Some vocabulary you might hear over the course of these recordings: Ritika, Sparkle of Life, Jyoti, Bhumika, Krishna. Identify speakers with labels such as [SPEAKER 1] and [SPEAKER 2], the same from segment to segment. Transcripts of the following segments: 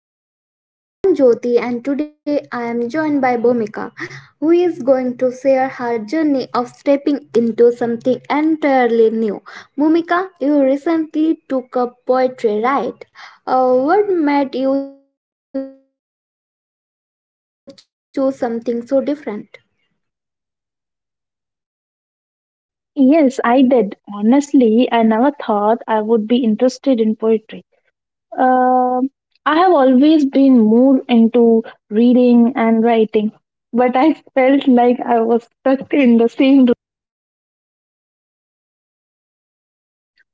[SPEAKER 1] to Sparkle of Life. I am Jyoti and today I am joined by Bhumika, who is going to share her journey of stepping into something entirely new. Bhumika, you recently took up poetry, right? What made you choose something so different?
[SPEAKER 2] Yes, I did. Honestly, I never thought I would be interested in poetry. Um I have always been more into reading and writing, but I felt like I was stuck in the same.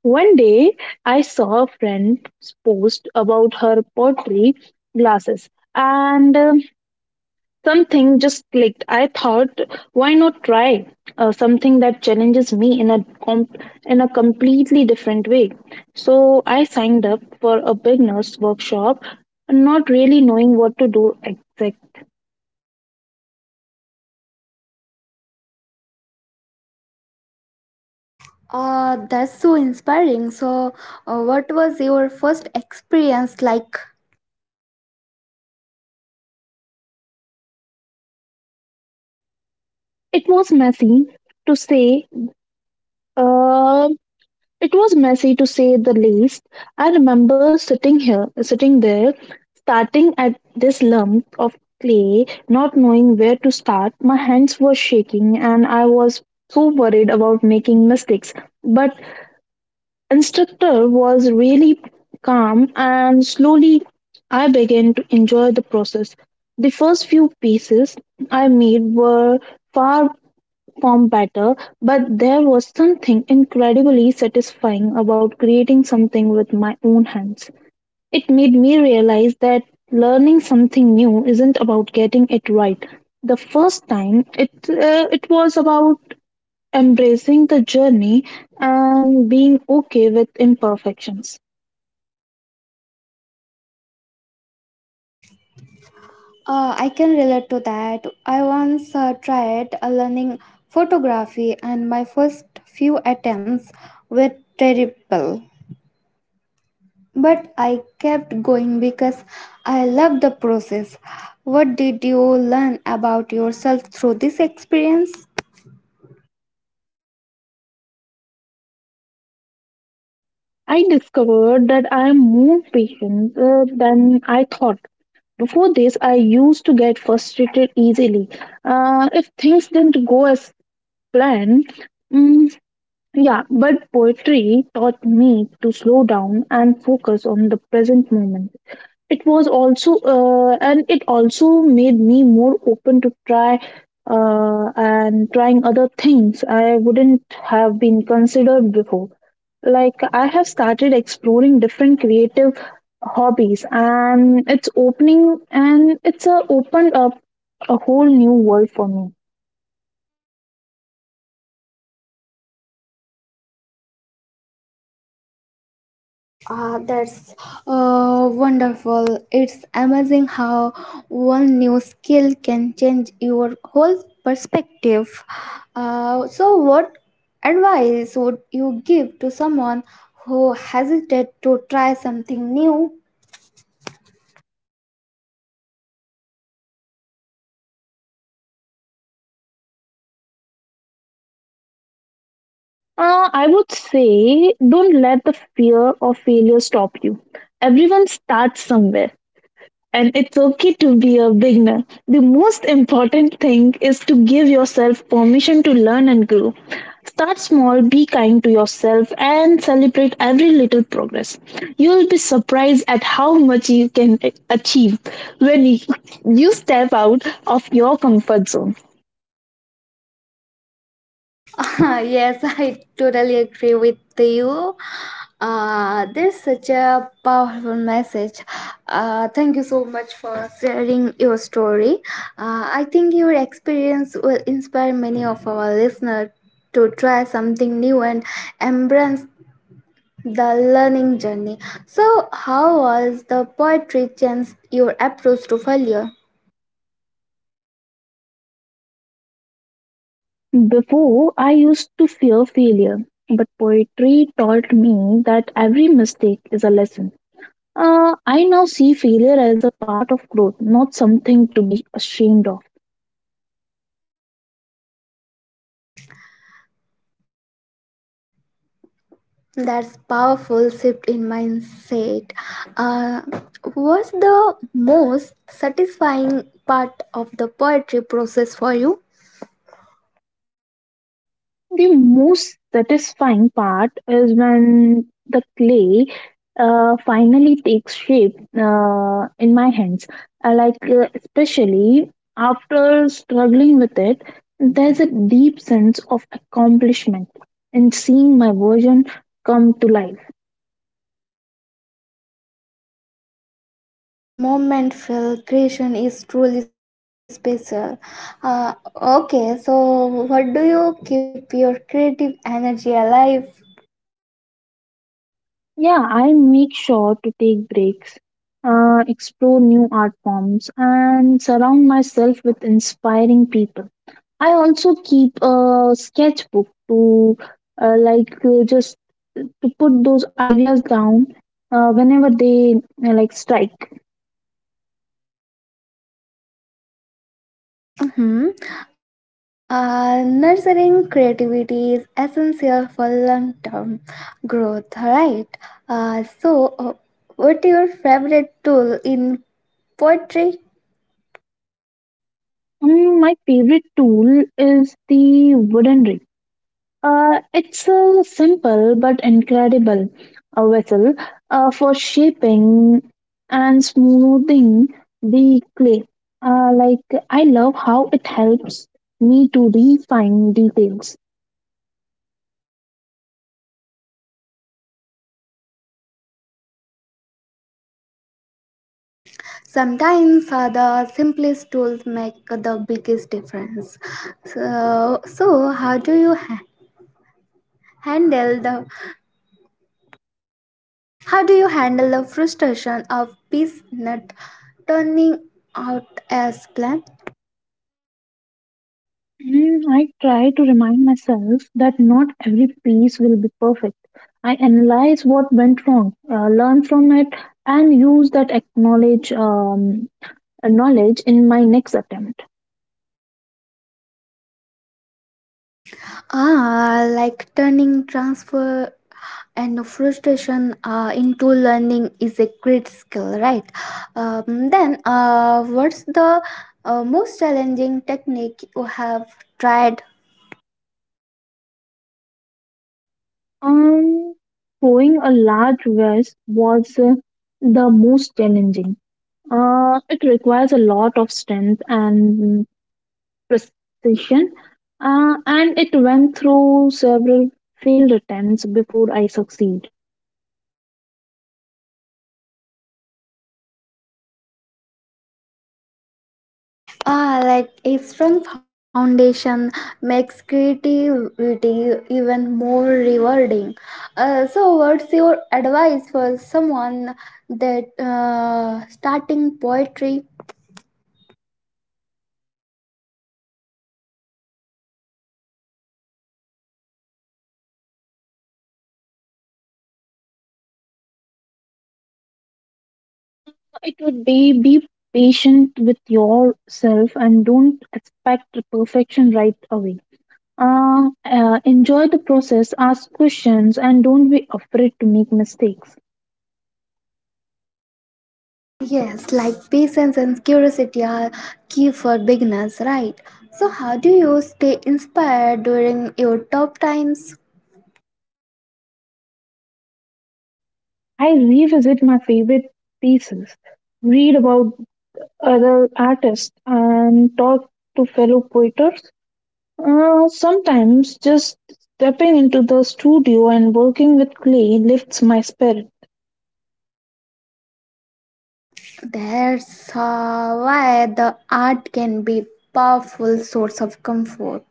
[SPEAKER 2] One day, I saw a friend's post about her pottery classes, and something just clicked. I thought, why not try something that challenges me in a completely different way? So I signed up for a beginners workshop, not really knowing what to do exact.
[SPEAKER 1] That's so inspiring. So, what was your first experience like?
[SPEAKER 2] It was messy to say. Uh, It was messy to say the least. I remember sitting here, sitting there, starting at this lump of clay, not knowing where to start. My hands were shaking and I was so worried about making mistakes. But instructor was really calm and slowly I began to enjoy the process. The first few pieces I made were far perform better, but there was something incredibly satisfying about creating something with my own hands. It made me realize that learning something new isn't about getting it right. The first time, it was about embracing the journey and being okay with imperfections.
[SPEAKER 1] I can relate to that. I once tried learning photography, and my first few attempts were terrible. But I kept going because I loved the process. What did you learn about yourself through this experience?
[SPEAKER 2] I discovered that I am more patient than I thought. Before this, I used to get frustrated easily if things didn't go as plan. Mm, yeah, but poetry taught me to slow down and focus on the present moment. It also made me more open to trying other things I wouldn't have been considered before. Like, I have started exploring different creative hobbies, and it's opening and it's a opened up a whole new world for me.
[SPEAKER 1] Ah, that's wonderful. It's amazing how one new skill can change your whole perspective. So, what advice would you give to someone who hesitated to try something new?
[SPEAKER 2] I would say don't let the fear of failure stop you. Everyone starts somewhere, and it's okay to be a beginner. The most important thing is to give yourself permission to learn and grow. Start small, be kind to yourself, and celebrate every little progress. You'll be surprised at how much you can achieve when you step out of your comfort zone.
[SPEAKER 1] Yes, I totally agree with you. There's such a powerful message. Thank you so much for sharing your story. I think your experience will inspire many of our listeners to try something new and embrace the learning journey. So, how was the poetry changed your approach to failure?
[SPEAKER 2] Before, I used to fear failure, but poetry taught me that every mistake is a lesson. I now see failure as a part of growth, not something to be ashamed of.
[SPEAKER 1] That's powerful shift in mindset. Uh, what's the most satisfying part of the poetry process for you?
[SPEAKER 2] The most satisfying part is when the clay finally takes shape in my hands. Especially after struggling with it, there's a deep sense of accomplishment in seeing my version come to life.
[SPEAKER 1] That moment feel creation is truly special. Uh, okay, so what do you keep your creative energy alive?
[SPEAKER 2] Yeah, I make sure to take breaks, explore new art forms, and surround myself with inspiring people. I also keep a sketchbook to just to put those ideas down whenever they strike.
[SPEAKER 1] Mhm. Nurturing creativity is essential for long-term growth, right? Uh, so, uh, what's your favorite tool in poetry?
[SPEAKER 2] Mm, my favorite tool is the wooden reel. It's a simple but incredible vessel for shaping and smoothing the clay. I love how it helps me to refine details.
[SPEAKER 1] Sometimes the simplest tools make the biggest difference. So, so how do you ha- handle the how do you handle the frustration of peace not turning out as planned?
[SPEAKER 2] Mm, I try to remind myself that not every piece will be perfect. I analyze what went wrong, learn from it, and use that acknowledge knowledge in my next attempt.
[SPEAKER 1] Ah, like turning transfer and frustration into learning is a great skill, right? Then, what's the most challenging technique you have tried?
[SPEAKER 2] Um, Throwing a large vase was the most challenging. It requires a lot of strength and precision, and it went through several failed attempts before I succeed.
[SPEAKER 1] Ah, like a strong foundation makes creativity even more rewarding. So, what's your advice for someone that starting poetry?
[SPEAKER 2] It would be patient with yourself and don't expect perfection right away. Enjoy the process, ask questions, and don't be afraid to make mistakes.
[SPEAKER 1] Yes, like patience and curiosity are key for beginners, right? So, how do you stay inspired during your tough times?
[SPEAKER 2] I revisit my favorite pieces, read about other artists, and talk to fellow poeters. Sometimes just stepping into the studio and working with clay lifts my spirit.
[SPEAKER 1] That's why the art can be powerful source of comfort.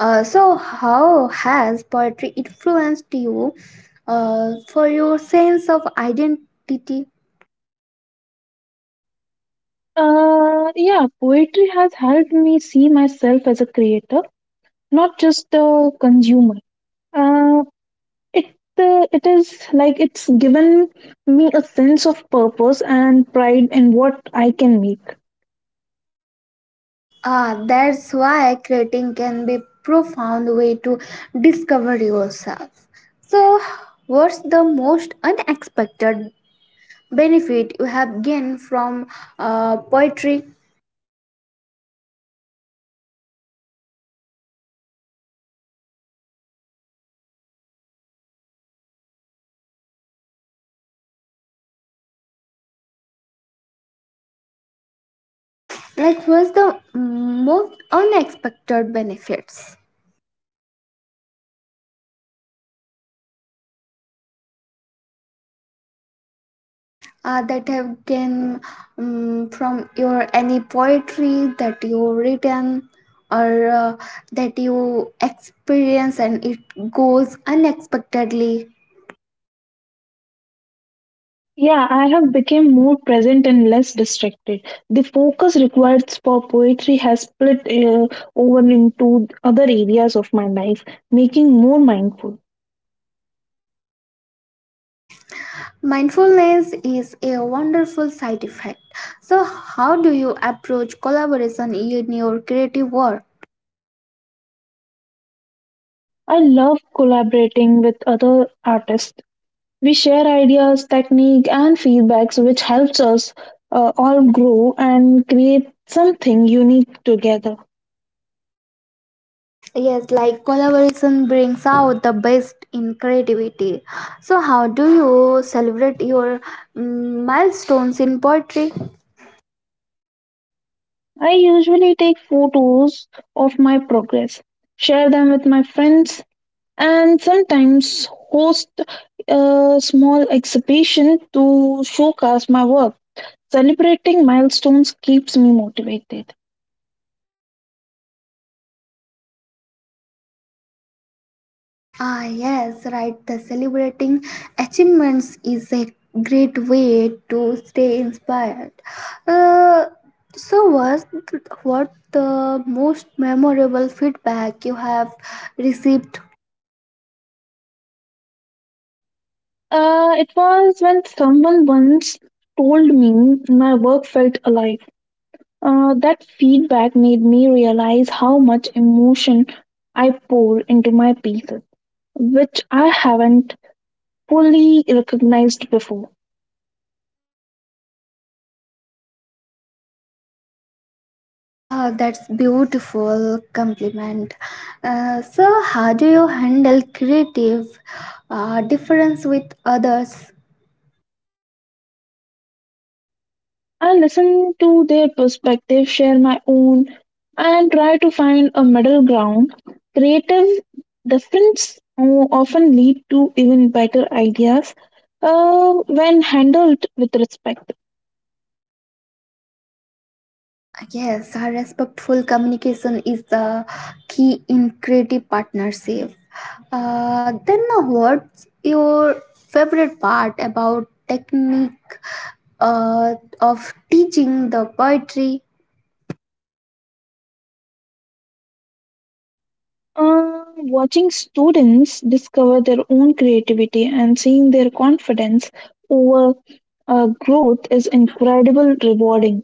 [SPEAKER 1] So, how has poetry influenced you for your sense of identity?
[SPEAKER 2] Yeah, poetry has helped me see myself as a creator, not just a consumer. Uh, it it is like it's given me a sense of purpose and pride in what I can make.
[SPEAKER 1] Ah, that's why creating can be profound way to discover yourself. So, what's the most unexpected benefit you have gained from poetry? Like, what's the most unexpected benefits that have gained from your any poetry that you written or that you experience and it goes unexpectedly?
[SPEAKER 2] Yeah, I have become more present and less distracted. The focus required for poetry has split over into other areas of my life, making more mindful.
[SPEAKER 1] Mindfulness is a wonderful side effect. So, how do you approach collaboration in your creative work?
[SPEAKER 2] I love collaborating with other artists. We share ideas, technique, and feedbacks, which helps us all grow and create something unique together.
[SPEAKER 1] Yes, like collaboration brings out the best in creativity. So, how do you celebrate your milestones in poetry?
[SPEAKER 2] I usually take photos of my progress, share them with my friends, and sometimes host a small exhibition to showcase my work. Celebrating milestones keeps me motivated.
[SPEAKER 1] Ah, yes, right. The celebrating achievements is a great way to stay inspired. Uh, so, what the most memorable feedback you have received?
[SPEAKER 2] It was when someone once told me my work felt alive. That feedback made me realize how much emotion I pour into my pieces, which I haven't fully recognized before.
[SPEAKER 1] Ah, that's beautiful compliment. So, how do you handle creative difference with others?
[SPEAKER 2] I listen to their perspective, share my own, and try to find a middle ground. Creative often lead to even better ideas when handled with respect.
[SPEAKER 1] Yes, a respectful communication is the key in creative partnership. Then, now what's your favorite part about technique uh, of teaching the poetry?
[SPEAKER 2] Uh, Watching students discover their own creativity and seeing their confidence over growth is incredible rewarding.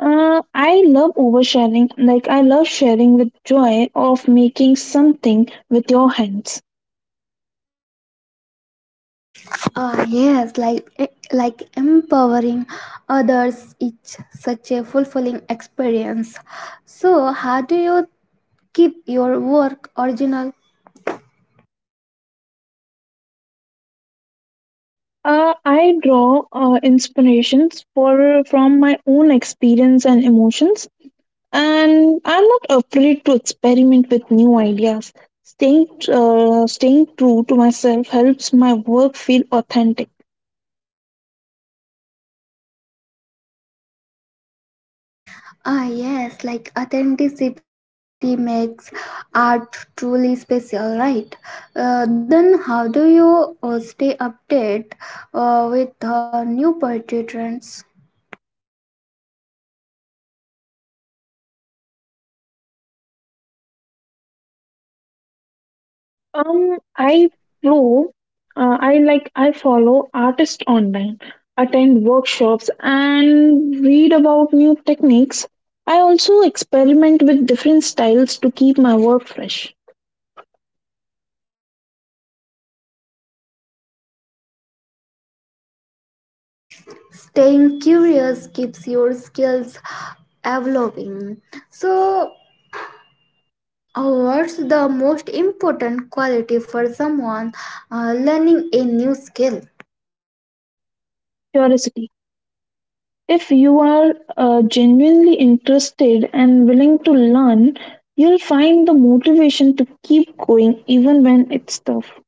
[SPEAKER 2] I love oversharing, like I love sharing the joy of making something with your hands.
[SPEAKER 1] Yes, like empowering others is such a fulfilling experience. So, how do you keep your work original?
[SPEAKER 2] I draw inspirations for from my own experience and emotions and I'm not afraid to experiment with new ideas. Staying true to myself helps my work feel authentic.
[SPEAKER 1] Ah, yes, like authenticity makes art truly special, right? Then, how do you stay updated with new poetry trends?
[SPEAKER 2] I flow. I like I follow artists online, attend workshops, and read about new techniques. I also experiment with different styles to keep my work fresh.
[SPEAKER 1] Staying curious keeps your skills evolving. So, what's the most important quality for someone learning a new skill?
[SPEAKER 2] Curiosity. If you are genuinely interested and willing to learn, you'll find the motivation to keep going even when it's tough.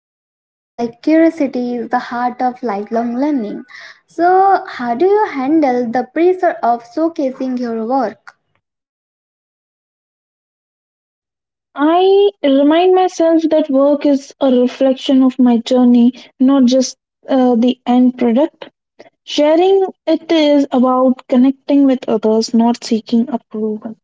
[SPEAKER 1] Yes, like curiosity is the heart of lifelong learning. So, how do you handle the pressure of showcasing your work?
[SPEAKER 2] I remind myself that work is a reflection of my journey, not just the end product. Sharing it is about connecting with others, not seeking approval.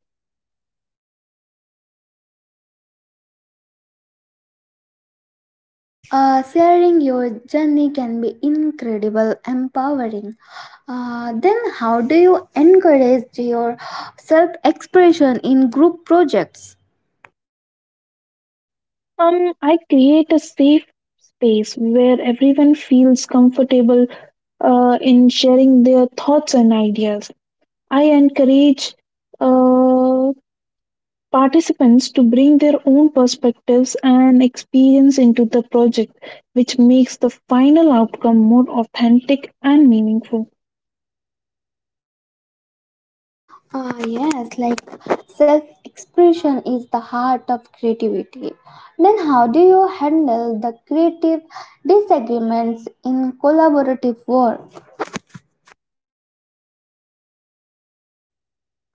[SPEAKER 1] Sharing your journey can be incredible, empowering. Then, how do you encourage your self expression in group projects?
[SPEAKER 2] I create a safe space where everyone feels comfortable in sharing their thoughts and ideas. I encourage uh, participants to bring their own perspectives and experience into the project, which makes the final outcome more authentic and meaningful.
[SPEAKER 1] Ah, yes, like self expression is the heart of creativity. Then, how do you handle the creative disagreements in collaborative work?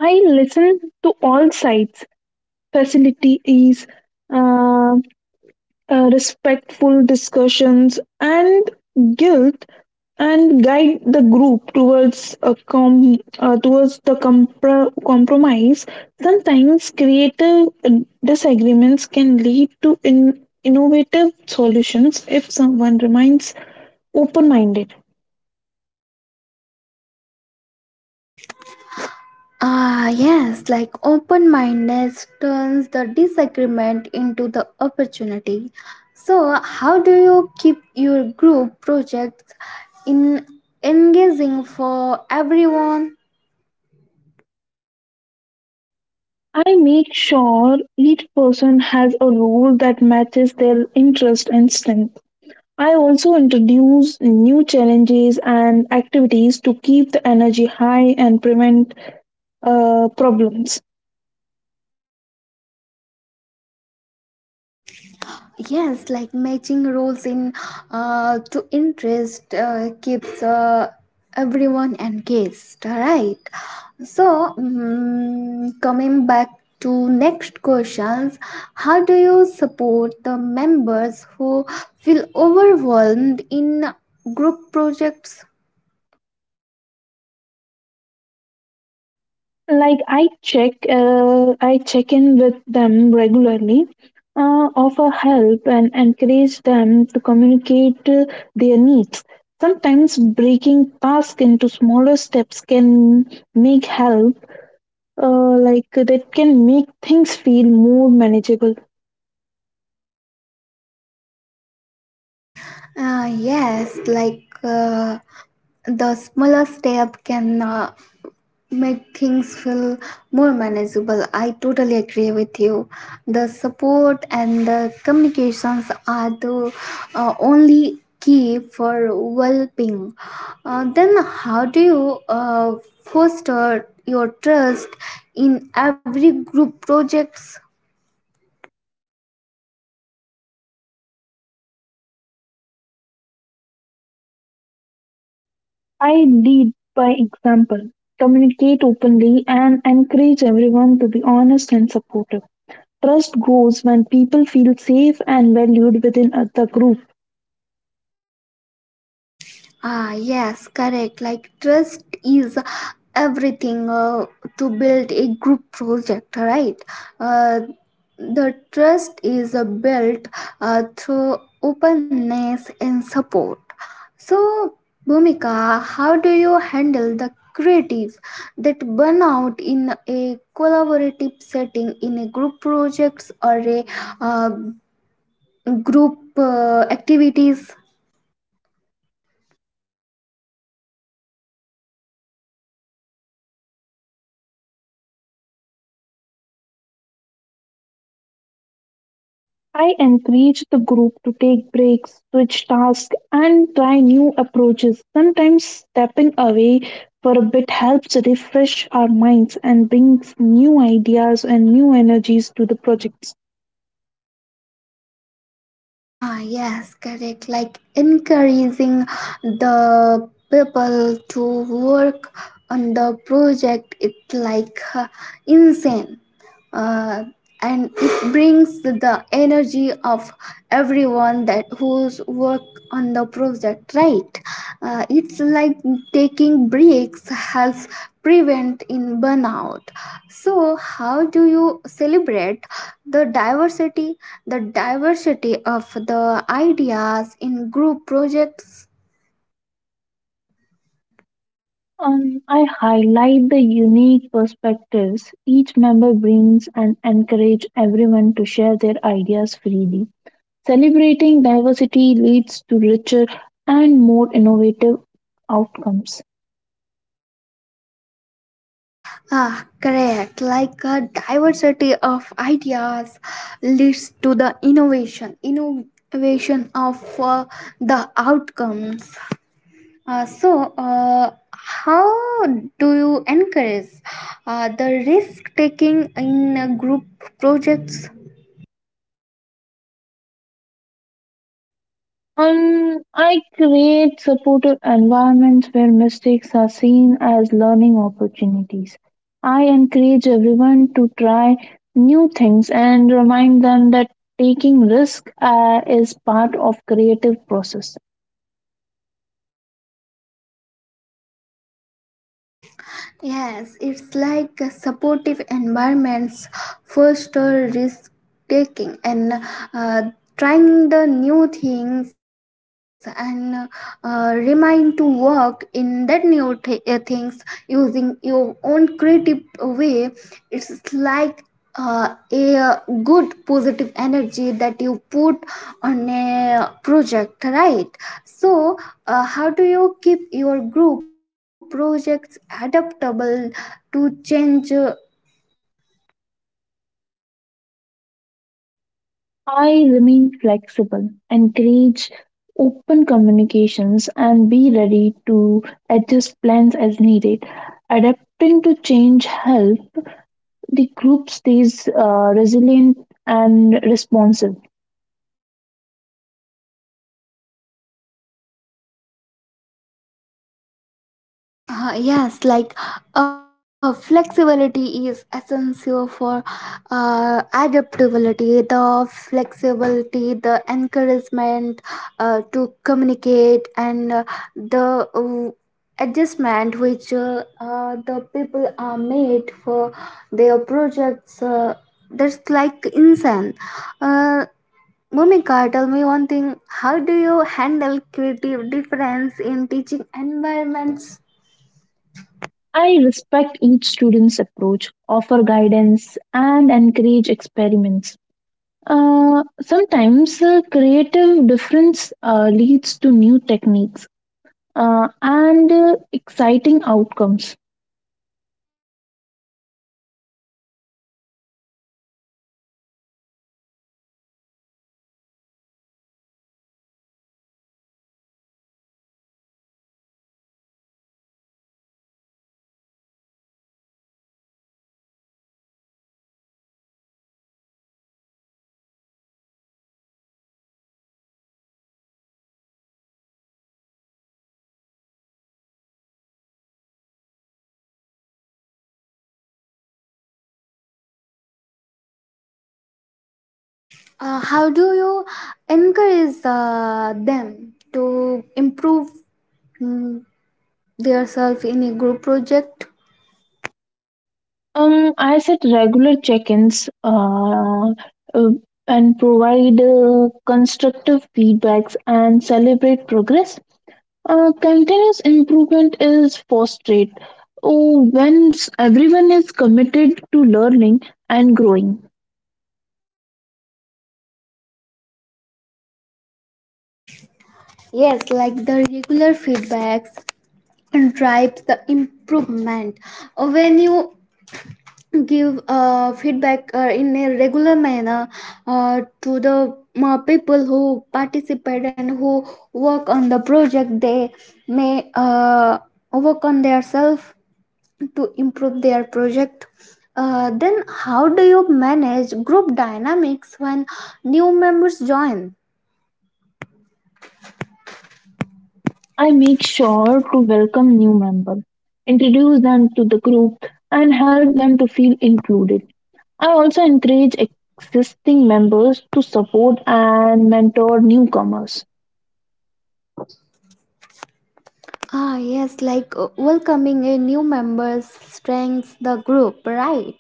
[SPEAKER 2] I listen to all sides, facilities, uh, respectful discussions and guilt and guide the group towards the compromise. Sometimes creative disagreements can lead to innovative solutions if someone remains open minded.
[SPEAKER 1] Ah, yes, like open mindedness turns the disagreement into the opportunity. So, how do you keep your group projects in engaging for everyone?
[SPEAKER 2] I make sure each person has a role that matches their interest and strength. I also introduce new challenges and activities to keep the energy high and prevent problems.
[SPEAKER 1] Yes, like matching roles in to interest keeps everyone engaged, right? So, coming back to next questions, how do you support the members who feel overwhelmed in group projects?
[SPEAKER 2] I check in with them regularly, offer help and encourage them to communicate their needs. Sometimes breaking tasks into smaller steps can make help, uh, like that can make things feel more manageable.
[SPEAKER 1] Yes, like the smaller step can make things feel more manageable. I totally agree with you. The support and the communications are the only key for well being. Then, how do you foster your trust in every group projects?
[SPEAKER 2] I lead by example, communicate openly, and encourage everyone to be honest and supportive. Trust grows when people feel safe and valued within the group.
[SPEAKER 1] Ah, yes, correct. Like trust is everything to build a group project, right? Uh, the trust is built through openness and support. So, Bhumika, how do you handle the creative that burn out in a collaborative setting in a group projects or a uh, group activities?
[SPEAKER 2] I encourage the group to take breaks, switch tasks, and try new approaches. Sometimes stepping away for a bit helps refresh our minds and brings new ideas and new energies to the projects.
[SPEAKER 1] Ah, yes, correct. Like encouraging the people to work on the project, it's like insane uh, and it brings the energy of everyone that who's work on the project, right? It's like taking breaks helps prevent in burnout. So how do you celebrate the diversity the diversity of the ideas in group projects?
[SPEAKER 2] I highlight the unique perspectives each member brings and encourage everyone to share their ideas freely. Celebrating diversity leads to richer and more innovative outcomes.
[SPEAKER 1] Ah, correct. Like a diversity of ideas leads to the innovation, innovation of the outcomes. So, how do you encourage the risk taking in group projects?
[SPEAKER 2] I create supportive environments where mistakes are seen as learning opportunities. I encourage everyone to try new things and remind them that taking risk is part of creative process.
[SPEAKER 1] Yes, it's like a supportive environments foster risk taking and uh, trying the new things and remind to work in that new things using your own creative way. It's like a good positive energy that you put on a project, right? So, how do you keep your group projects adaptable to change
[SPEAKER 2] I remain flexible, encourage open communications, and be ready to adjust plans as needed. Adapting to change helps the group stays resilient and responsive.
[SPEAKER 1] uh, yes, like flexibility is essential for adaptability, the flexibility, the encouragement to communicate, and the adjustment which the people are made for their projects. That's like insane. Uh, Mumika, tell me one thing. How do you handle creative difference in teaching environments?
[SPEAKER 2] I respect each student's approach, offer guidance, and encourage experiments. Sometimes Creative difference leads to new techniques and exciting outcomes.
[SPEAKER 1] Yes, like respecting difference enriches the learning. So, how do you encourage the continuous improvement in every group projects? How do you encourage them to improve mm, themselves in a group project?
[SPEAKER 2] I set regular check-ins uh, uh, and provide constructive feedbacks and celebrate progress. Continuous improvement is fostered when everyone is committed to learning and growing.
[SPEAKER 1] Yes, like the regular feedbacks and drives the improvement. When you give feedback in a regular manner to the people who participate and who work on the project, they may work on their self to improve their project. Then how do you manage group dynamics when new members join?
[SPEAKER 2] I make sure to welcome new members, introduce them to the group, and help them to feel included. I also encourage existing members to support and mentor newcomers.
[SPEAKER 1] Ah, yes, like welcoming a new members strengthens the group, right?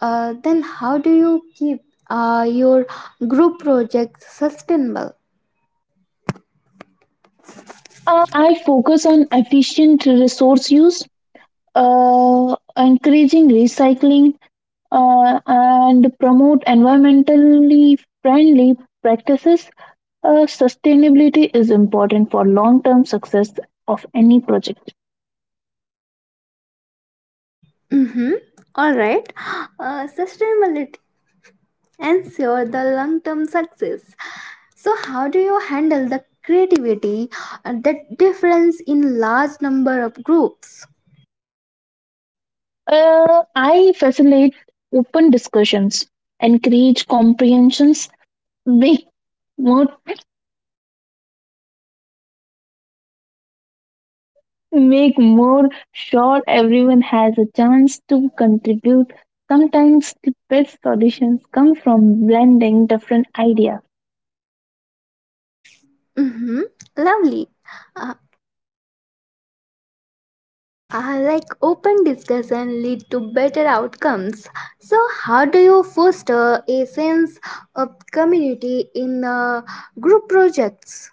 [SPEAKER 1] Then how do you keep your group project sustainable?
[SPEAKER 2] I focus on efficient resource use, encouraging recycling, and promote environmentally friendly practices. Sustainability is important for long-term success of any project.
[SPEAKER 1] Mm-hmm. All right. Sustainability ensure the long-term success. So how do you handle the creativity that difference in large number of groups?
[SPEAKER 2] I facilitate open discussions, encourage comprehensions, make more make more sure everyone has a chance to contribute. Sometimes the best solutions come from blending different ideas.
[SPEAKER 1] Mm-hmm. Lovely. Uh, like open discussion lead to better outcomes. So, how do you foster a sense of community in group projects?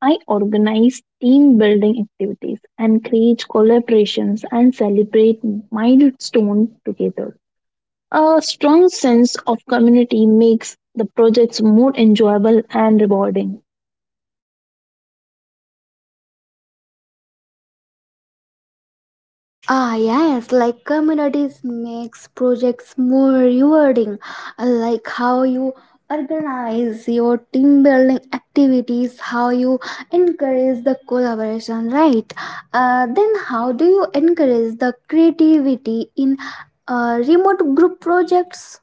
[SPEAKER 2] I organize team building activities, and create collaborations, and celebrate milestones together. A strong sense of community makes the projects more enjoyable and rewarding.
[SPEAKER 1] Ah, yes, like communities makes projects more rewarding. Like how you organize your team building activities, how you encourage the collaboration, right? Then how do you encourage the creativity in remote group projects?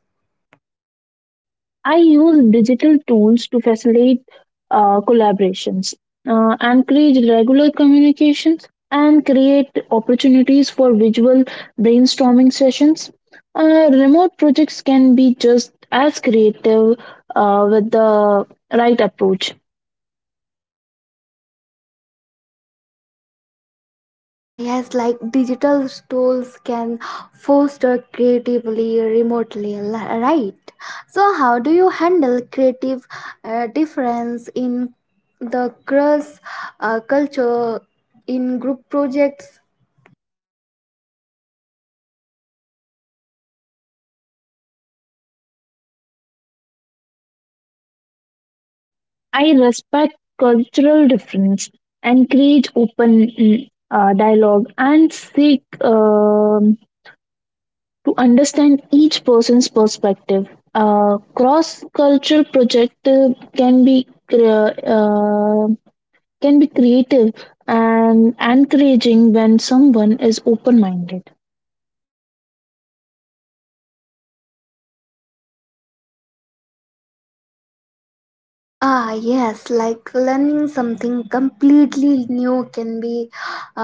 [SPEAKER 2] I use digital tools to facilitate collaborations, encourage regular communications, and create opportunities for visual brainstorming sessions. Remote projects can be just as creative with the right approach.
[SPEAKER 1] Yeah, yes, like digital tools can foster creatively remotely, right? So, how do you handle creative difference in the cross culture in group projects?
[SPEAKER 2] I respect cultural difference, encourage open dialogue, and seek to understand each person's perspective. A cross-cultural project can be cre- uh, can be creative and encouraging when someone is open-minded.
[SPEAKER 1] Ah, yes, like learning something completely new can be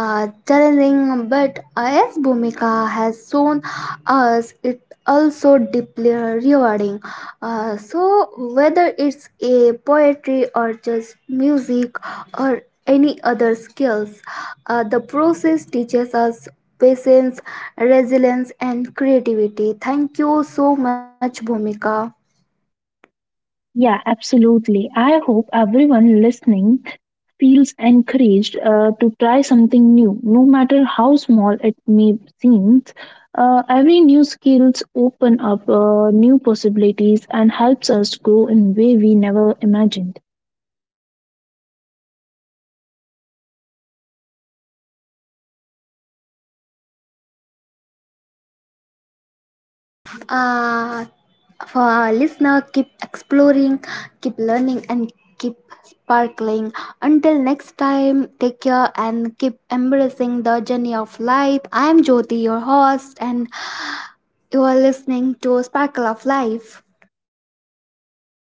[SPEAKER 1] challenging, but as Bhumika has shown us, it also deeply rewarding. So, whether it's a poetry or just music or any other skills, the process teaches us patience, resilience, and creativity. Thank you so much, Bhumika.
[SPEAKER 2] Yeah, absolutely. I hope everyone listening feels encouraged to try something new, no matter how small it may seem. Every new skills open up new possibilities and helps us grow in way we never imagined.
[SPEAKER 1] Uh, for our listener, keep exploring, keep learning, and keep sparkling. Until next time, take care and keep embracing the journey of life. I am Jyoti, your host, and you are listening to Sparkle of Life.